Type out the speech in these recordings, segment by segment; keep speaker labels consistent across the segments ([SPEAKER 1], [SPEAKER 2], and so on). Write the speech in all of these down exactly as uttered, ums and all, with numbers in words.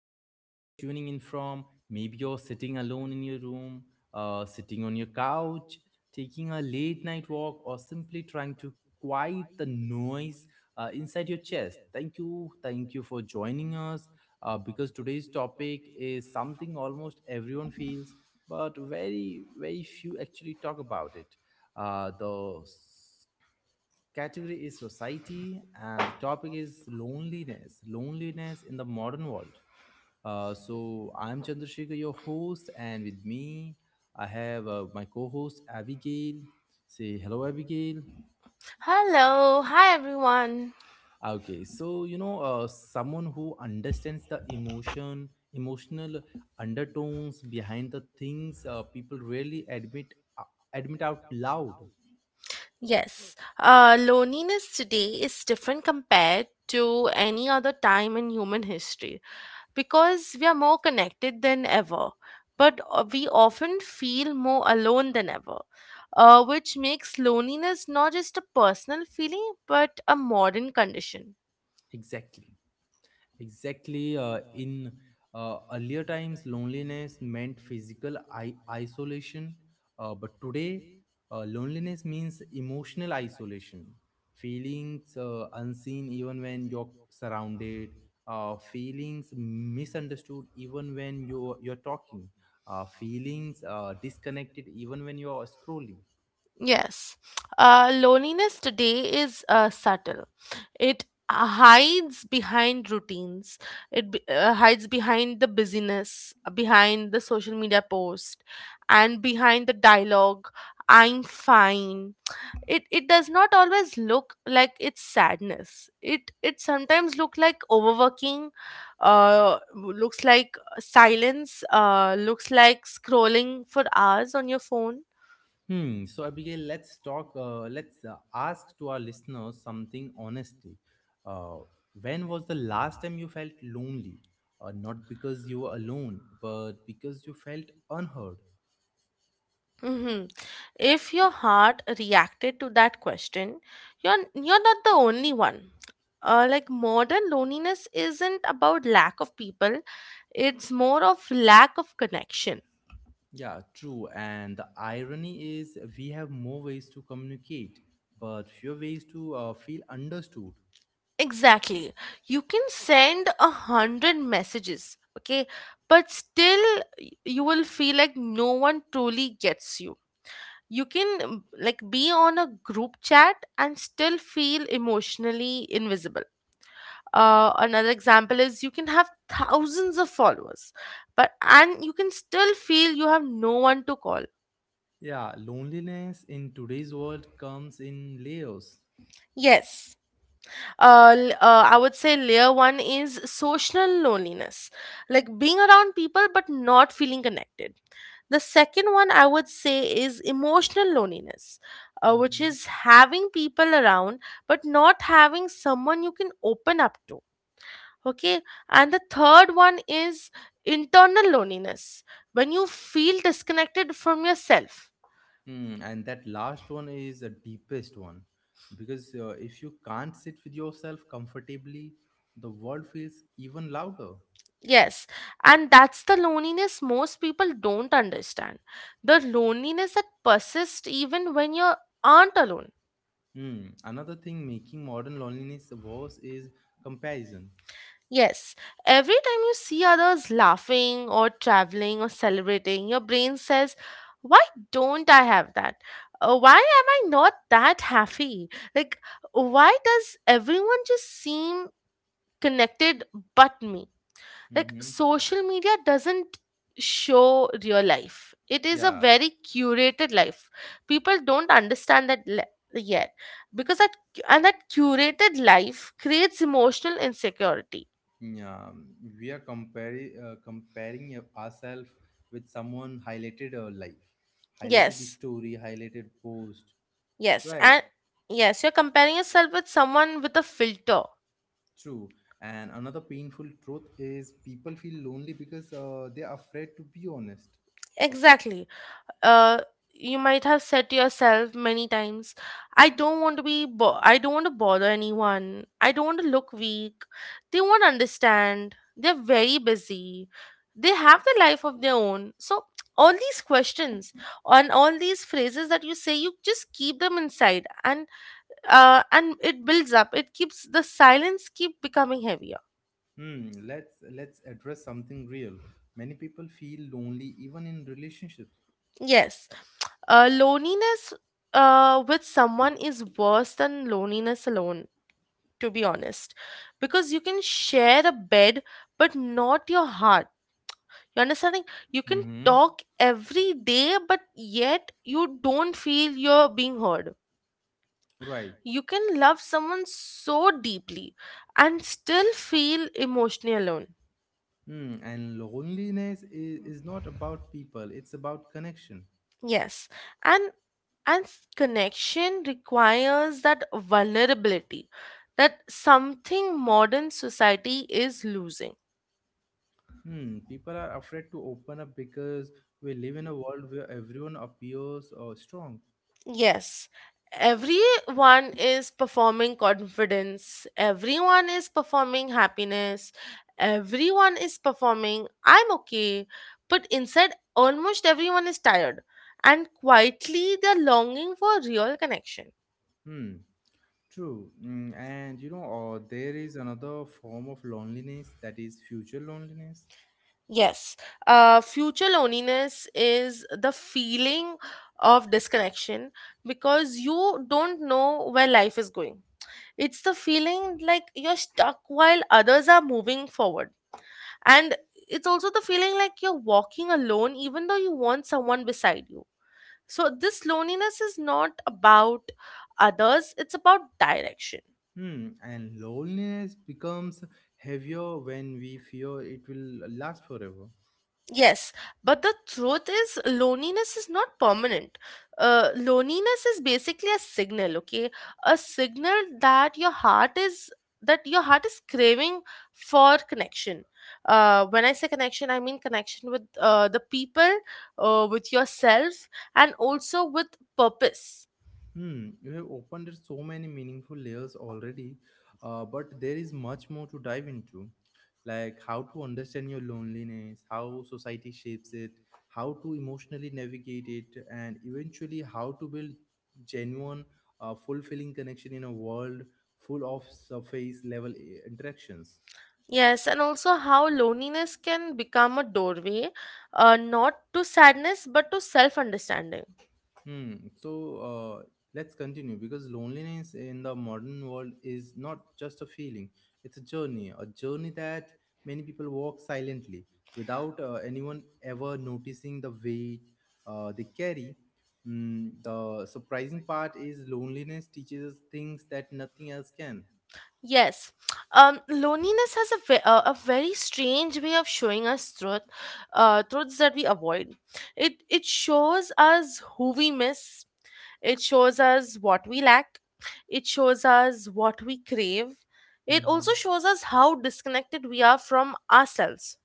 [SPEAKER 1] wherever you're tuning in from. Maybe you're sitting alone in your room, uh, sitting on your couch, taking a late night walk, or simply trying to quiet the noise uh, inside your chest. Thank you, thank you for joining us uh, because today's topic is something almost everyone feels, but very, very few actually talk about it. Uh, the category is society, and the topic is loneliness loneliness in the modern world. Uh, so I'm Chandrasekhar, your host, and with me I have uh, my co-host Abigail. Say hello, Abigail.
[SPEAKER 2] Hello, hi everyone.
[SPEAKER 1] Okay, so you know, uh, someone who understands the emotion emotional undertones behind the things uh, people rarely admit uh, admit out loud.
[SPEAKER 2] Yes, uh, loneliness today is different compared to any other time in human history because we are more connected than ever, but uh, we often feel more alone than ever, uh, which makes loneliness not just a personal feeling but a modern condition.
[SPEAKER 1] Exactly Exactly. Uh, in uh, earlier times, loneliness meant physical I- isolation, uh, but today, uh, loneliness means emotional isolation. Feelings uh, unseen even when you're surrounded, uh, feelings misunderstood even when you're, you're talking, uh, feelings uh, disconnected even when you're scrolling.
[SPEAKER 2] Yes. Uh, loneliness today is uh, subtle. It hides behind routines. It be- uh, hides behind the busyness, behind the social media post, and behind the dialogue, "I'm fine." It it does not always look like it's sadness. It it sometimes look like overworking, uh, looks like silence, uh, looks like scrolling for hours on your phone.
[SPEAKER 1] Hmm. So Abigail, let's talk. Uh, let's uh, ask to our listeners something honestly. Uh, when was the last time you felt lonely? Uh, not because you were alone, but because you felt unheard.
[SPEAKER 2] Hmm. If your heart reacted to that question, you're you're not the only one. Uh, like, modern loneliness isn't about lack of people; it's more of lack of connection.
[SPEAKER 1] Yeah, true. And the irony is, we have more ways to communicate, but fewer ways to uh, feel understood.
[SPEAKER 2] Exactly. You can send a hundred messages, okay, but still y- you will feel like no one truly gets you. You can um, like, be on a group chat and still feel emotionally invisible. Uh, another example is, you can have thousands of followers, but and you can still feel you have no one to call.
[SPEAKER 1] Yeah, loneliness in today's world comes in layers.
[SPEAKER 2] Yes. uh, l- uh, I would say layer one is social loneliness, like being around people but not feeling connected. The second one I would say is emotional loneliness, uh, which
[SPEAKER 1] Mhm.
[SPEAKER 2] is having people around but not having someone you can open up to. Okay, and the third one is internal loneliness, when you feel disconnected from yourself.
[SPEAKER 1] Hmm, and that last one is the deepest one because uh, if you can't sit with yourself comfortably, the world feels even louder.
[SPEAKER 2] Yes, and that's the loneliness most people don't understand. The loneliness that persists even when you aren't alone.
[SPEAKER 1] Hmm, another thing making modern loneliness worse is comparison.
[SPEAKER 2] Yes, every time you see others laughing or traveling or celebrating, your brain says, "Why don't I have that? Uh, Why am I not that happy? Like, why does everyone just seem connected but me?" Like,
[SPEAKER 1] Hmm.
[SPEAKER 2] social media doesn't show real life. It is a
[SPEAKER 1] Yeah,
[SPEAKER 2] very curated life. People don't understand that le- yet, because that and that curated life creates emotional insecurity.
[SPEAKER 1] yeah, we are comparing uh, comparing ourselves with someone highlighted our life, highlighted
[SPEAKER 2] Yes.
[SPEAKER 1] story, highlighted post,
[SPEAKER 2] Yes.
[SPEAKER 1] right?
[SPEAKER 2] And yes, you're comparing yourself with someone with a filter.
[SPEAKER 1] True. And another painful truth is people feel lonely because uh, they are afraid to be honest.
[SPEAKER 2] Exactly. Uh, you might have said to yourself many times, I don't want to be, bo- I don't want to bother anyone. I don't want to look weak. They won't understand. They're very busy. They have the life of their own." So, all these questions and all these phrases that you say, you just keep them inside, and uh, and it builds up. It keeps the silence keep becoming heavier.
[SPEAKER 1] Hmm, let's let's address something real. Many people feel lonely even in relationships.
[SPEAKER 2] Yes, uh, loneliness uh, with someone is worse than loneliness alone, to be honest, because you can share a bed but not your heart. You understanding? You can
[SPEAKER 1] Mm-hmm.
[SPEAKER 2] talk every day, but yet you don't feel you're being heard.
[SPEAKER 1] Right.
[SPEAKER 2] You can love someone so deeply and still feel emotionally alone.
[SPEAKER 1] Hmm. And loneliness is, is not about people, it's about connection.
[SPEAKER 2] Yes, and and s- connection requires that vulnerability, that something modern society is losing.
[SPEAKER 1] Hmm. People are afraid to open up because we live in a world where everyone appears uh, strong.
[SPEAKER 2] Yes, everyone is performing confidence, everyone is performing happiness, everyone is performing "I'm okay," but inside almost everyone is tired and quietly they're longing for real connection.
[SPEAKER 1] Hmm. True. Mm, and you know, uh, there is another form of loneliness that is future loneliness.
[SPEAKER 2] Yes. Uh, future loneliness is the feeling of disconnection because you don't know where life is going. It's the feeling like you're stuck while others are moving forward. And it's also the feeling like you're walking alone even though you want someone beside you. So, this loneliness is not about others, it's about direction.
[SPEAKER 1] Hmm. And loneliness becomes heavier when we fear it will last forever.
[SPEAKER 2] Yes, but the truth is, loneliness is not permanent. Uh, loneliness is basically a signal, okay? A signal that your heart is that your heart is craving for connection. Uh, when I say connection, I mean connection with uh, the people, uh, with yourself, and also with purpose.
[SPEAKER 1] Hmm, you have opened so many meaningful layers already, uh, but there is much more to dive into, like how to understand your loneliness, how society shapes it, how to emotionally navigate it, and eventually how to build genuine, uh, fulfilling connection in a world full of surface level eh, interactions.
[SPEAKER 2] Yes, and also how loneliness can become a doorway, uh, not to sadness, but to self understanding.
[SPEAKER 1] Hmm. So uh, let's continue because loneliness in the modern world is not just a feeling, it's a journey, a journey that many people walk silently without uh, anyone ever noticing the weight uh, they carry. Mm, the surprising part is loneliness teaches us things that nothing else can.
[SPEAKER 2] Yes, um, loneliness has a, ve- uh, a very strange way of showing us truth, uh, truths that we avoid. It it shows us who we miss. It shows us what we lack. It shows us what we crave. It also
[SPEAKER 1] Hmm.
[SPEAKER 2] shows us how disconnected we are from ourselves.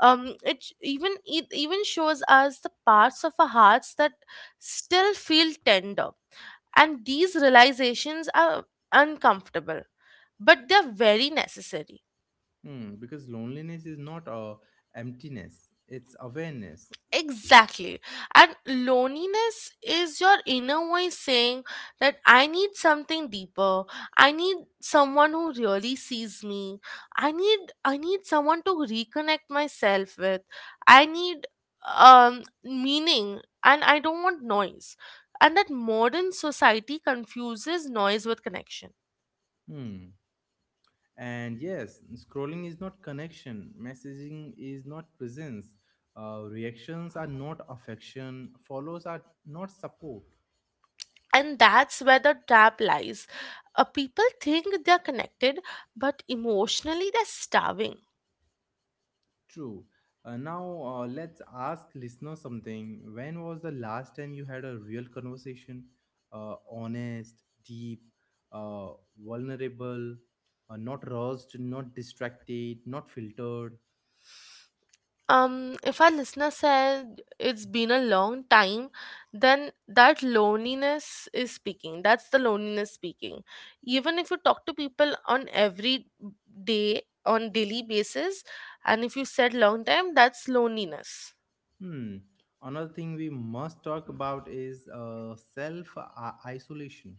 [SPEAKER 2] Um, it sh- even it even shows us the parts of our hearts that still feel tender, and these realizations are uncomfortable but they're very necessary.
[SPEAKER 1] Hmm, because loneliness is not uh, emptiness, it's awareness.
[SPEAKER 2] Exactly. And loneliness is your inner voice saying that I need something deeper. I need someone who really sees me. I need I need someone to reconnect myself with. I need um meaning, and I don't want noise. And that modern society confuses noise with connection.
[SPEAKER 1] Hmm. And yes, scrolling is not connection, messaging is not presence, uh, reactions are not affection, follows are not support.
[SPEAKER 2] And that's where the trap lies. Uh, people think they're connected, but emotionally they're starving.
[SPEAKER 1] True. Uh, now, uh, let's ask listeners something. When was the last time you had a real conversation? Uh, honest, deep, uh, vulnerable, uh, not rushed, not distracted, not filtered.
[SPEAKER 2] Um, if our listener said it's been a long time, then that loneliness is speaking. That's the loneliness speaking. Even if you talk to people on every day, on daily basis, and if you said long time, that's loneliness.
[SPEAKER 1] Hmm. Another thing we must talk about is uh, self isolation.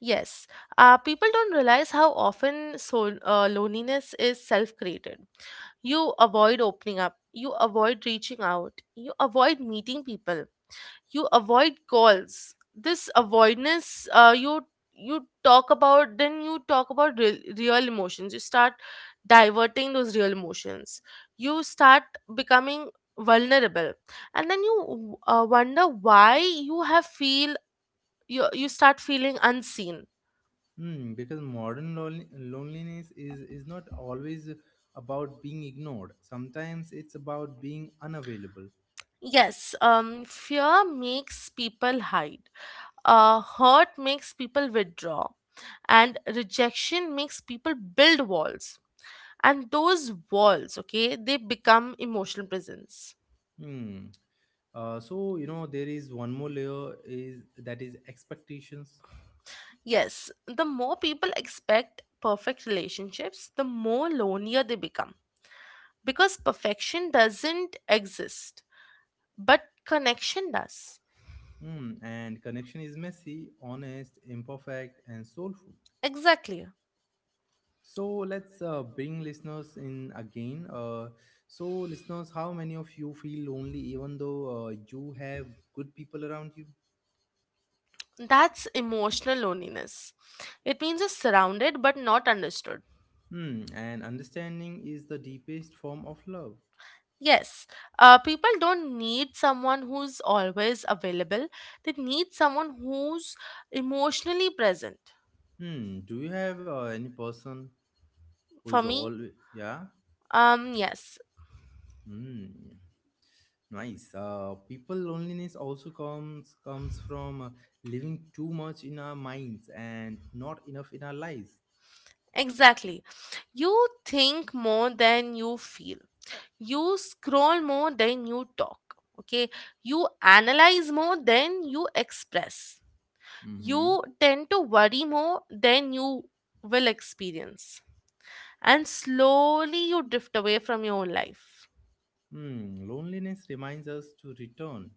[SPEAKER 2] Yes, uh, people don't realize how often so uh, loneliness is self-created. You avoid opening up. You avoid reaching out. You avoid meeting people. You avoid calls. This avoidance, uh, you you talk about, then you talk about real, real emotions. You start diverting those real emotions. You start becoming vulnerable, and then you uh, wonder why you have feel you you start feeling unseen.
[SPEAKER 1] Hmm, because modern lon- loneliness is, is not always about being ignored. Sometimes it's about being unavailable.
[SPEAKER 2] Yes, um, fear makes people hide. Uh, hurt makes people withdraw. And rejection makes people build walls. And those walls, okay, they become emotional prisons.
[SPEAKER 1] Hmm. Uh, so you know there is one more layer is that is expectations.
[SPEAKER 2] Yes, the more people expect perfect relationships, the more lonelier they become. Because perfection doesn't exist, but connection does.
[SPEAKER 1] Hmm. And connection is messy, honest, imperfect, and soulful.
[SPEAKER 2] Exactly.
[SPEAKER 1] So let's uh, bring listeners in again. Uh, so listeners, how many of you feel lonely even though uh, you have good people around you?
[SPEAKER 2] That's emotional loneliness. It means you're surrounded but not understood.
[SPEAKER 1] Hmm, and understanding is the deepest form of love.
[SPEAKER 2] Yes, uh, people don't need someone who's always available. They need someone who's emotionally present.
[SPEAKER 1] Hmm, do you have uh, any person who
[SPEAKER 2] For
[SPEAKER 1] is
[SPEAKER 2] me,
[SPEAKER 1] all yeah?
[SPEAKER 2] um, yes,
[SPEAKER 1] Hmm, nice. Uh, people loneliness also comes comes from uh, living too much in our minds and not enough in our lives.
[SPEAKER 2] exactly. You think more than you feel. You scroll more than you talk. Okay, you analyze more than you express.
[SPEAKER 1] Mm-hmm.
[SPEAKER 2] You tend to worry more than you will experience. And slowly you drift away from your own life.
[SPEAKER 1] Hmm, loneliness reminds us to return,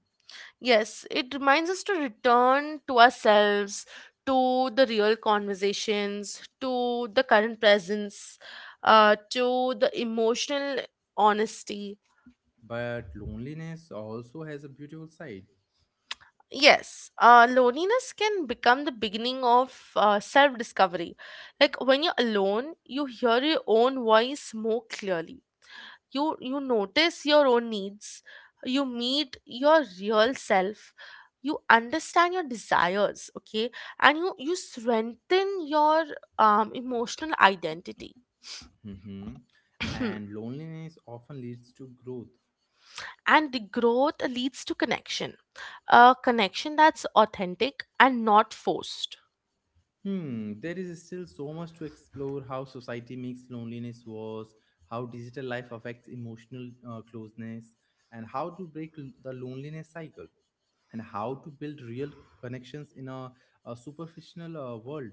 [SPEAKER 2] Yes, it reminds us to return to ourselves, to the real conversations, to the current presence, uh, to the emotional honesty.
[SPEAKER 1] but loneliness also has a beautiful side.
[SPEAKER 2] Yes, uh, loneliness can become the beginning of uh, self discovery. Like, when you're alone, you hear your own voice more clearly. You you notice your own needs. You meet your real self. You understand your desires, okay, and you you strengthen your um, emotional identity.
[SPEAKER 1] Mm-hmm. And loneliness often leads to growth.
[SPEAKER 2] And the growth leads to connection, a connection that's authentic and not forced.
[SPEAKER 1] Hmm, there is still so much to explore how society makes loneliness worse, how digital life affects emotional uh, closeness, and how to break l- the loneliness cycle, and how to build real connections in a, a superficial uh, world.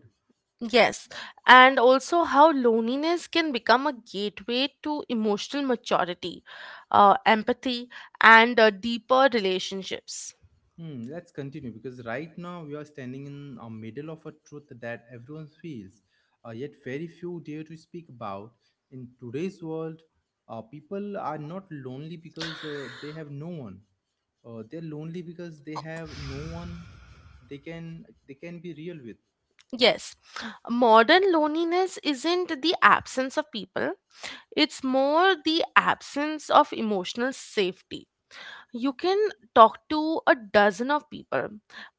[SPEAKER 2] Yes, and also how loneliness can become a gateway to emotional maturity, uh, empathy, and uh, deeper relationships.
[SPEAKER 1] Hmm, let's continue because right now we are standing in the middle of a truth that everyone feels, uh, yet very few dare to speak about. In today's world, uh, people are not lonely because uh, they have no one, uh, they're lonely because they have no one they can they can be real with.
[SPEAKER 2] Yes, modern loneliness isn't the absence of people, it's more the absence of emotional safety. You can talk to a dozen of people,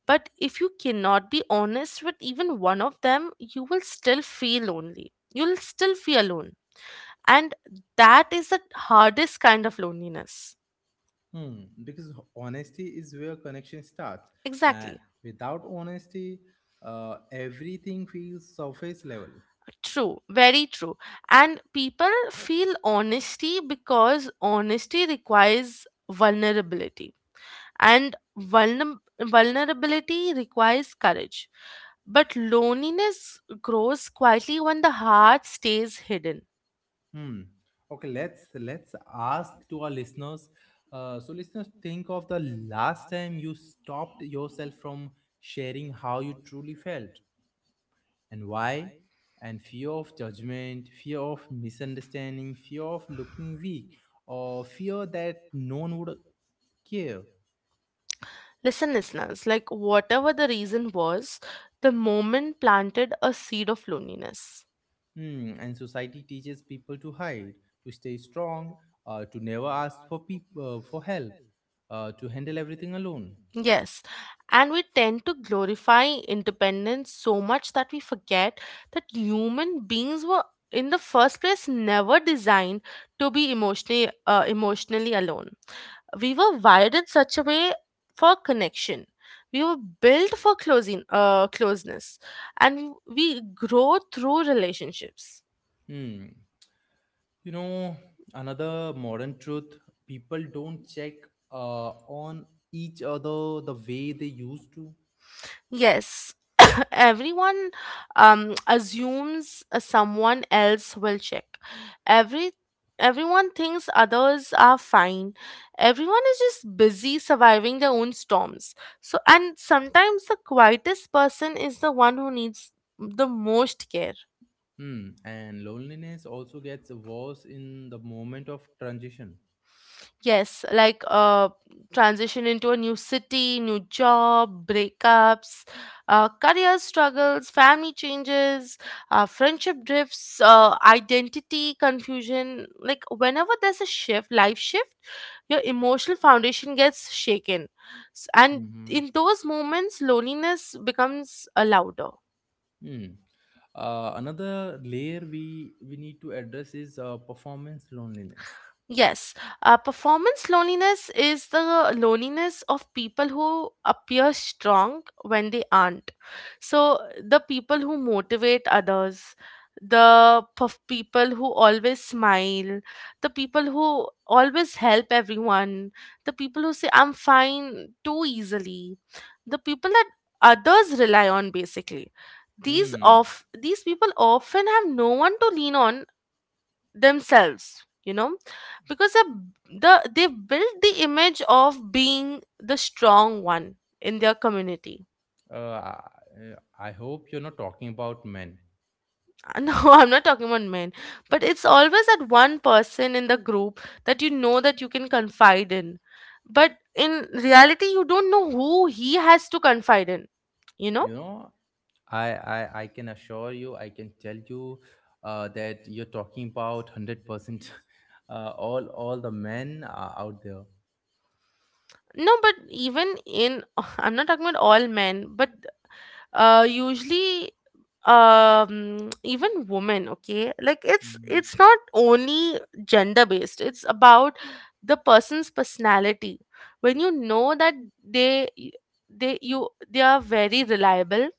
[SPEAKER 2] but if you cannot be honest with even one of them, you will still feel lonely. You'll still feel alone. And that is the hardest kind of loneliness.
[SPEAKER 1] Hmm, because honesty is where connection starts, and
[SPEAKER 2] Exactly.
[SPEAKER 1] without honesty, uh, everything feels surface level.
[SPEAKER 2] True, very true. And people feel honesty because honesty requires vulnerability, and vulner- vulnerability requires courage. But loneliness grows quietly when the heart stays hidden.
[SPEAKER 1] Hmm. Okay, let's let's ask to our listeners. Uh, so listeners, think of the last time you stopped yourself from sharing how you truly felt, and why. And fear of judgment, fear of misunderstanding, fear of looking weak, or fear that no one would care.
[SPEAKER 2] Listen, listeners, like, whatever the reason was, the moment planted a seed of loneliness.
[SPEAKER 1] Hmm, and society teaches people to hide, to stay strong, uh, to never ask for peop- uh, for help, uh, to handle everything alone.
[SPEAKER 2] Yes, and we tend to glorify independence so much that we forget that human beings were, in the first place, never designed to be emotionally uh, emotionally alone. We were wired in such a way for connection. We were built for closing uh, closeness, and we grow through relationships.
[SPEAKER 1] Hmm. You know, another modern truth, people don't check uh, on each other the way they used to.
[SPEAKER 2] Yes, everyone um, assumes uh, someone else will check. every Everyone thinks others are fine. Everyone is just busy surviving their own storms, so and sometimes the quietest person is the one who needs the most care.
[SPEAKER 1] Hmm. And loneliness also gets worse in the moment of transition.
[SPEAKER 2] Yes, like, uh, transition into a new city, new job, breakups, uh, career struggles, family changes, uh, friendship drifts, uh, identity confusion. Like, whenever there's a shift, life shift, your emotional foundation gets shaken, S- and
[SPEAKER 1] Hmm.
[SPEAKER 2] in those moments, loneliness becomes uh, louder.
[SPEAKER 1] Hmm. Uh, another layer we we need to address is uh, performance loneliness.
[SPEAKER 2] Yes, uh, performance loneliness is the loneliness of people who appear strong when they aren't. So, the people who motivate others, the perf- people who always smile, the people who always help everyone, the people who say "I'm fine" too easily, the people that others rely on, basically. These
[SPEAKER 1] Hmm.
[SPEAKER 2] of these people often have no one to lean on themselves, you know, because the, the they built the image of being the strong one in their community
[SPEAKER 1] Uh, I, I hope you're not talking about men.
[SPEAKER 2] no, I'm not talking about men, but it's always that one person in the group that you know that you can confide in, but in reality you don't know who he has to confide in, you know.
[SPEAKER 1] You know, I I, I can assure you, I can tell you uh, that you're talking about hundred percent uh, all all the men are out there.
[SPEAKER 2] No, but even in I'm not talking about all men, but uh usually um even women. Okay, like it's
[SPEAKER 1] Hmm.
[SPEAKER 2] it's not only gender based, it's about the person's personality. When you know that they they you they are very reliable,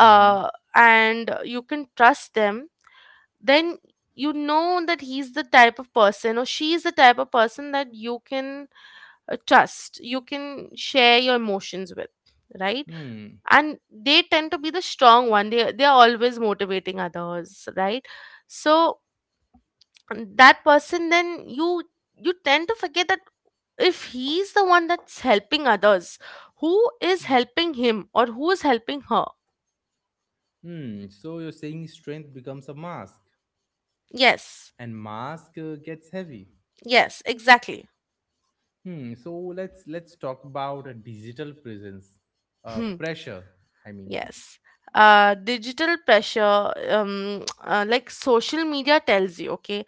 [SPEAKER 1] Mm-hmm.
[SPEAKER 2] and you can trust them, then you know that he's the type of person or she is the type of person that you can uh, trust, you can share your emotions with, right?
[SPEAKER 1] Hmm.
[SPEAKER 2] And they tend to be the strong one, they they are always motivating others, right? So, um, that person, then you you tend to forget that if he's the one that's helping others, who is helping him or who is helping her?
[SPEAKER 1] Hmm, so you're saying strength becomes a mask
[SPEAKER 2] Yes.
[SPEAKER 1] and mask uh, gets heavy.
[SPEAKER 2] Yes, exactly.
[SPEAKER 1] Hmm, so let's let's talk about a digital presence. Uh
[SPEAKER 2] Hmm.
[SPEAKER 1] pressure, I mean.
[SPEAKER 2] Yes, uh digital pressure. Um uh, Like social media tells you, okay,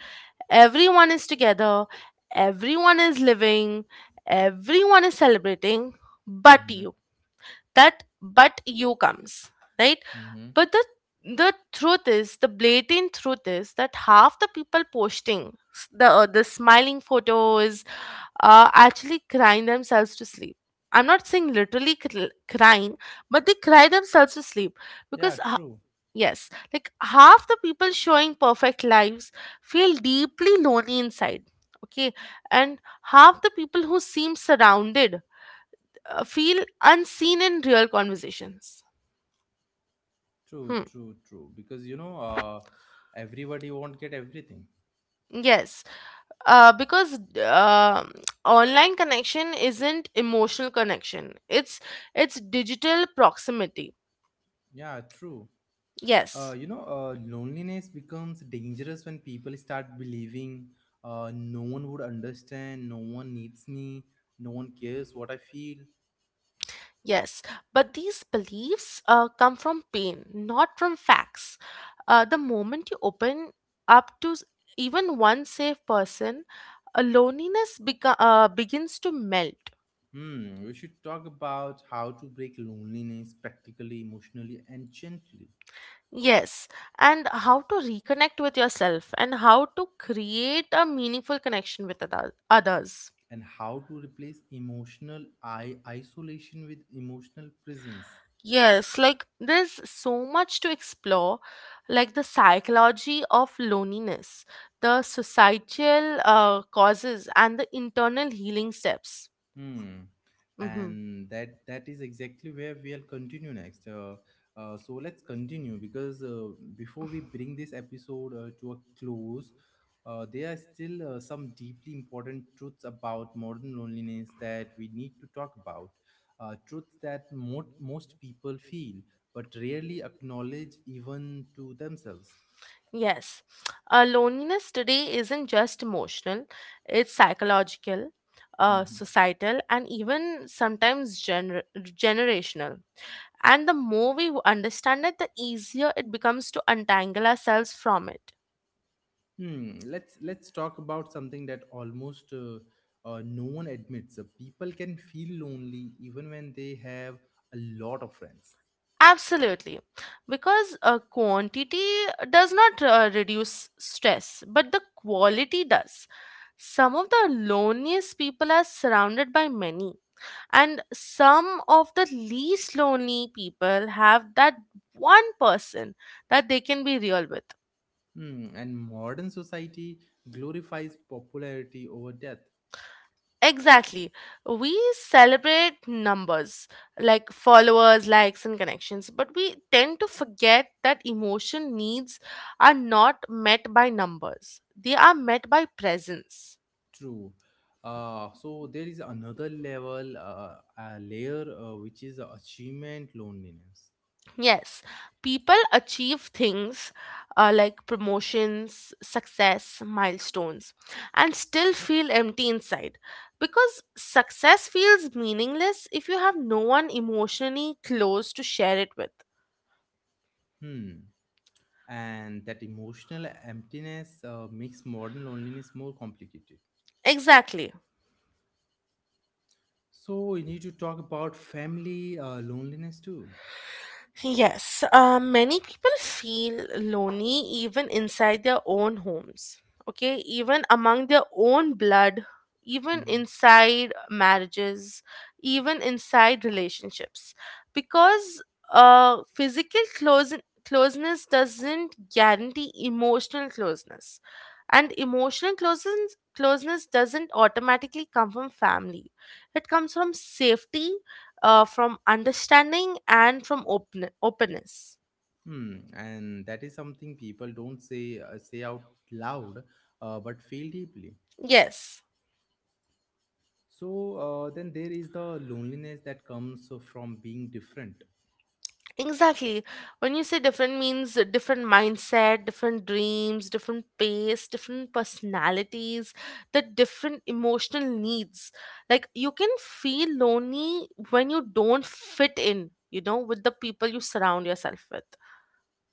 [SPEAKER 2] everyone is together, everyone is living, everyone is celebrating, but
[SPEAKER 1] Hmm.
[SPEAKER 2] you. That "but you" comes, right?
[SPEAKER 1] Hmm.
[SPEAKER 2] But the the truth is, the blatant truth is that half the people posting s- the uh, the smiling photos are actually crying themselves to sleep. I'm not saying literally cr- crying, but they cry themselves to sleep because
[SPEAKER 1] Yeah,
[SPEAKER 2] h-
[SPEAKER 1] true.
[SPEAKER 2] Yes, like half the people showing perfect lives feel deeply lonely inside. Okay, and half the people who seem surrounded uh, feel unseen in real conversations.
[SPEAKER 1] True,
[SPEAKER 2] Hmm.
[SPEAKER 1] true, true. Because you know, uh everybody won't get everything.
[SPEAKER 2] Yes, uh, because uh, online connection isn't emotional connection; it's it's digital proximity.
[SPEAKER 1] Yeah, true. Uh
[SPEAKER 2] Yes.
[SPEAKER 1] you know, uh loneliness becomes dangerous when people start believing uh no one would understand, no one needs me, no one cares what I feel.
[SPEAKER 2] Yes, but these beliefs uh, come from pain, not from facts. Uh, the moment you open up to s- even one safe person, uh, loneliness beco- uh, begins to melt.
[SPEAKER 1] Hmm, we should talk about how to break loneliness practically, emotionally, and gently,
[SPEAKER 2] Yes, and how to reconnect with yourself and how to create a meaningful connection with other- others.
[SPEAKER 1] and how to replace emotional i- isolation with emotional presence.
[SPEAKER 2] Yes, like there's so much to explore, like the psychology of loneliness, the societal uh, causes, and the internal healing steps.
[SPEAKER 1] Hmm.
[SPEAKER 2] Hmm.
[SPEAKER 1] And that that is exactly where we'll continue next. Uh, uh, so let's continue because uh, before we bring this episode uh, to a close, uh, there are still uh, some deeply important truths about modern loneliness that we need to talk about. Uh, truths that mo- most people feel but rarely acknowledge even to themselves.
[SPEAKER 2] Yes, uh, loneliness today isn't just emotional, it's psychological, uh,
[SPEAKER 1] Mm-hmm.
[SPEAKER 2] societal, and even sometimes gener- generational. And the more we understand it, the easier it becomes to untangle ourselves from it.
[SPEAKER 1] Hmm. Let's let's talk about something that almost uh, uh, no one admits. Uh, people can feel lonely even when they have a lot of friends.
[SPEAKER 2] Absolutely. Because uh, quantity does not uh, reduce stress, but the quality does. Some of the loneliest people are surrounded by many, and some of the least lonely people have that one person that they can be real with.
[SPEAKER 1] Hmm. And modern society glorifies popularity over depth.
[SPEAKER 2] Exactly. We celebrate numbers like followers, likes, and connections, but we tend to forget that emotion needs are not met by numbers, they are met by presence.
[SPEAKER 1] True. Uh, so there is another level, uh, a layer uh, which is achievement loneliness.
[SPEAKER 2] Yes, people achieve things uh, like promotions, success, milestones, and still feel empty inside because success feels meaningless if you have no one emotionally close to share it with.
[SPEAKER 1] Hmm. And that emotional emptiness uh, makes modern loneliness more complicated.
[SPEAKER 2] Exactly.
[SPEAKER 1] So we need to talk about family uh, loneliness too.
[SPEAKER 2] Yes, um, many people feel lonely even inside their own homes, okay, even among their own blood, even
[SPEAKER 1] Hmm.
[SPEAKER 2] inside marriages, even inside relationships, because uh, physical close- closeness doesn't guarantee emotional closeness, and emotional closeness closeness doesn't automatically come from family. It comes from safety, uh, from understanding and from open- openness.
[SPEAKER 1] Hmm. And that is something people don't say uh, say out loud, uh, but feel deeply.
[SPEAKER 2] Yes,
[SPEAKER 1] So uh, then there is the loneliness that comes from being different.
[SPEAKER 2] exactly. When you say different means uh, different mindset, different dreams, different pace, different personalities, the different emotional needs. Like you can feel lonely when you don't fit in, you know, with the people you surround yourself with.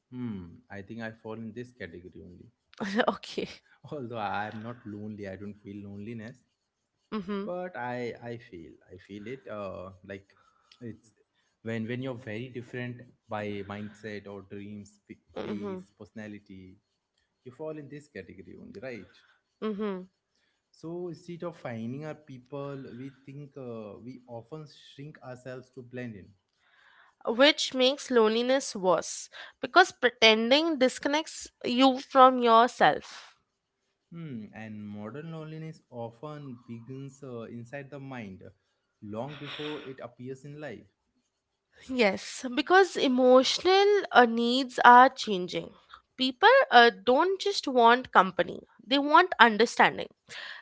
[SPEAKER 1] Hmm. I think I fall in this category only.
[SPEAKER 2] Okay.
[SPEAKER 1] Although I am not lonely, I don't feel loneliness,
[SPEAKER 2] Mhm.
[SPEAKER 1] but I I feel, I feel it. Uh, like it's when when you're very different by mindset or dreams, p-
[SPEAKER 2] Mhm.
[SPEAKER 1] pace, personality, you fall in this category only, right?
[SPEAKER 2] Mhm.
[SPEAKER 1] So instead of finding our people, we think uh, we often shrink ourselves to blend in.
[SPEAKER 2] Which makes loneliness worse because pretending disconnects you from yourself.
[SPEAKER 1] Hmm, and modern loneliness often begins uh, inside the mind long before it appears in life.
[SPEAKER 2] Yes, because emotional uh, needs are changing. People uh, don't just want company, they want understanding,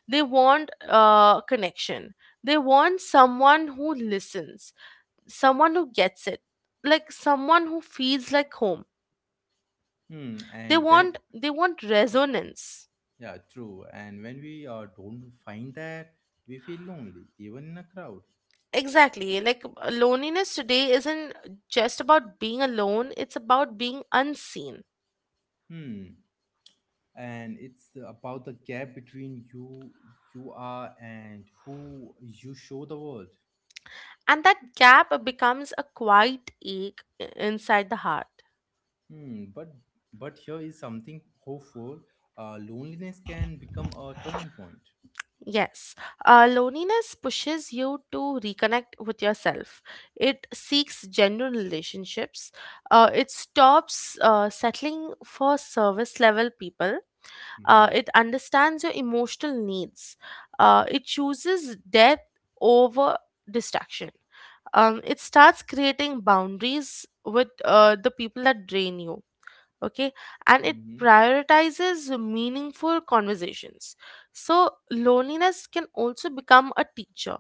[SPEAKER 2] they want uh, connection, they want someone who listens, someone who gets it, like someone who feels like home.
[SPEAKER 1] Hmm.
[SPEAKER 2] They
[SPEAKER 1] And when,
[SPEAKER 2] want they want resonance.
[SPEAKER 1] yeah, true, and when we uh, don't find that, we feel lonely even in a crowd.
[SPEAKER 2] Exactly. Like uh, loneliness today isn't just about being alone, it's about being unseen.
[SPEAKER 1] Hmm. And it's about the gap between you you are and who you show the world.
[SPEAKER 2] And that gap becomes a quiet ache i- inside the heart.
[SPEAKER 1] Hmm, but but here is something hopeful. Uh, loneliness can become a turning point.
[SPEAKER 2] Yes, uh, loneliness pushes you to reconnect with yourself. It seeks genuine relationships. Uh, it stops uh, settling for service level people. Uh,
[SPEAKER 1] Hmm.
[SPEAKER 2] it understands your emotional needs. Uh, it chooses depth over distraction. Um, it starts creating boundaries with uh, the people that drain you, okay, and it
[SPEAKER 1] Hmm.
[SPEAKER 2] prioritizes meaningful conversations. So loneliness can also become a teacher.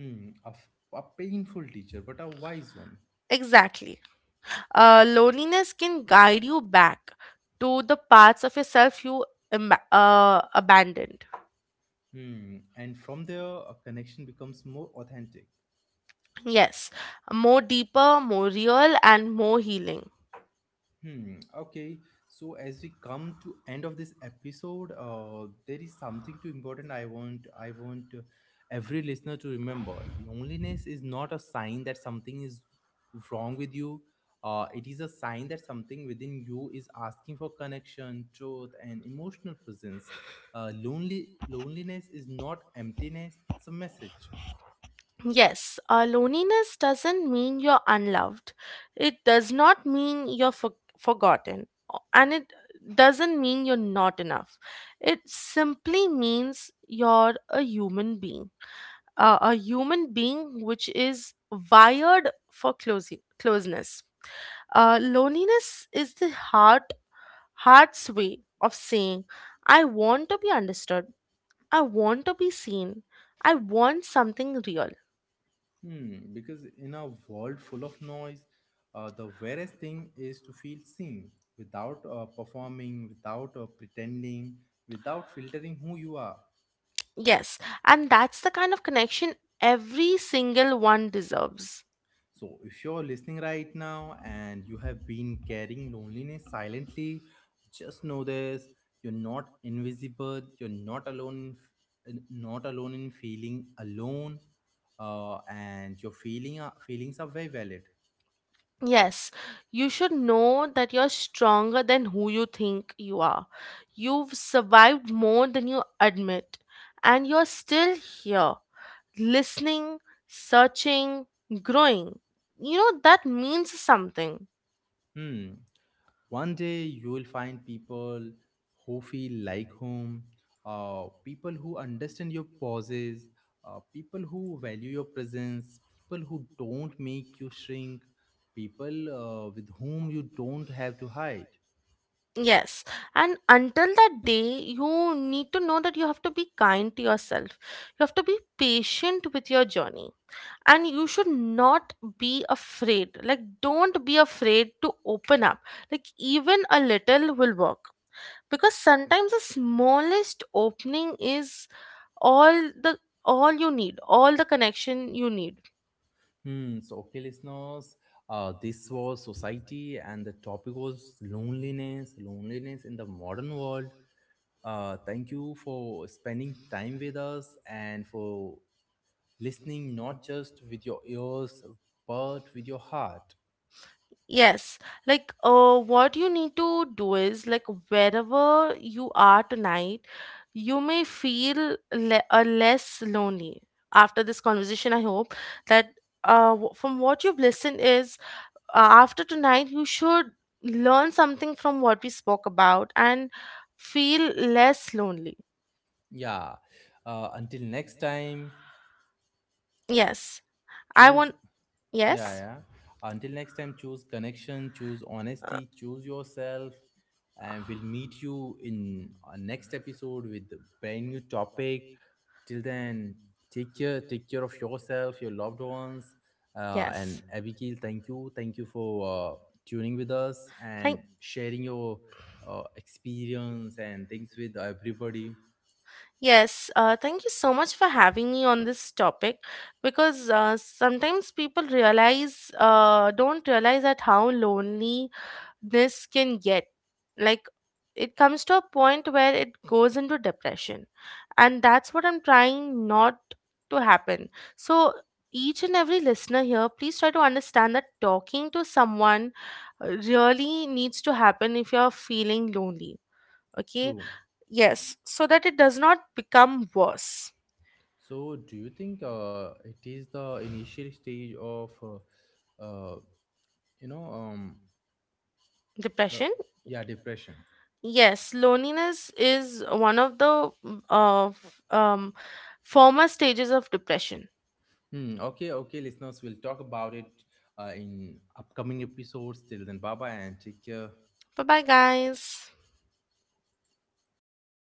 [SPEAKER 1] Hmm, a, f- a painful teacher, but a wise one.
[SPEAKER 2] Exactly. Uh, loneliness can guide you back to the parts of yourself you imba- uh, abandoned.
[SPEAKER 1] Hmm, and from there, a connection becomes more authentic.
[SPEAKER 2] Yes, more deeper, more real, and more healing.
[SPEAKER 1] Hmm. Okay. So as we come to end of this episode, uh, there is something too important. I want I want uh, every listener to remember. Loneliness is not a sign that something is wrong with you. Uh, it is a sign that something within you is asking for connection, truth, and emotional presence. Uh, lonely Loneliness is not emptiness. It's a message.
[SPEAKER 2] Yes, uh, loneliness doesn't mean you're unloved. It does not mean you're for- forgotten. o- And it doesn't mean you're not enough. It simply means you're a human being. Uh, a human being which is wired for closing closeness. Uh, loneliness is the heart, heart's way of saying, I want to be understood. I want to be seen. I want something real.
[SPEAKER 1] Hmm, because in a world full of noise, uh, the various thing is to feel seen without uh, performing, without uh, pretending, without filtering who you are.
[SPEAKER 2] Yes, and that's the kind of connection every single one deserves.
[SPEAKER 1] So, if you're listening right now and you have been carrying loneliness silently, just know this: you're not invisible, you're not alone, in f- in- not alone in feeling alone, uh, and your feeling, uh, feelings are very valid.
[SPEAKER 2] Yes, you should know that you're stronger than who you think you are. You've survived more than you admit, and you're still here, listening, searching, growing. You know, that means something.
[SPEAKER 1] Hmm. One day you will find people who feel like home, uh, people who understand your pauses, uh, people who value your presence, people who don't make you shrink, people uh, with whom you don't have to hide.
[SPEAKER 2] Yes, and until that day, you need to know that you have to be kind to yourself. You have to be patient with your journey, and you should not be afraid. Like, don't be afraid to open up, like even a little will work, because sometimes the smallest opening is all the all you need, all the connection you need.
[SPEAKER 1] Hmm. So okay listeners, uh, this was society and the topic was loneliness loneliness in the modern world. Uh, thank you for spending time with us and for listening not just with your ears, but with your heart.
[SPEAKER 2] Yes, like uh, what you need to do is, like, wherever you are tonight, you may feel le- uh, less lonely after this conversation. I hope that uh, w- from what you've listened is, uh, after tonight you should learn something from what we spoke about and feel less lonely.
[SPEAKER 1] Yeah, uh, until next time
[SPEAKER 2] Yes. I
[SPEAKER 1] choose
[SPEAKER 2] want.
[SPEAKER 1] yeah,
[SPEAKER 2] Yes.
[SPEAKER 1] yeah, until next time, choose connection, choose
[SPEAKER 2] uh,
[SPEAKER 1] honesty, choose yourself, and we'll meet you in our next episode with a brand new topic. Till then, take care, take care of yourself, your loved ones, uh,
[SPEAKER 2] yes,
[SPEAKER 1] and Abigail. Thank you, thank you for uh, tuning with us
[SPEAKER 2] thank.
[SPEAKER 1] and sharing your uh, experience and things with everybody.
[SPEAKER 2] Yes, uh, thank you so much for having me on this topic because uh, sometimes people realize uh, don't realize that how lonely this can get, like it comes to a point where it goes into depression, and that's what I'm trying not to happen. So each and every listener here, please try to understand that talking to someone uh, really needs to happen if you're feeling lonely, okay?
[SPEAKER 1] True.
[SPEAKER 2] Yes, so that it does not become worse.
[SPEAKER 1] So, do you think uh, it is the initial stage of, uh, uh, you know, um, uh,
[SPEAKER 2] Depression.
[SPEAKER 1] yeah, depression?
[SPEAKER 2] Yes, loneliness is one of the mm, uh, f- um former stages of depression.
[SPEAKER 1] Hmm, okay, okay, listeners, we'll talk about it uh, in upcoming episodes. Till then, bye bye and take care.
[SPEAKER 2] Bye bye, guys.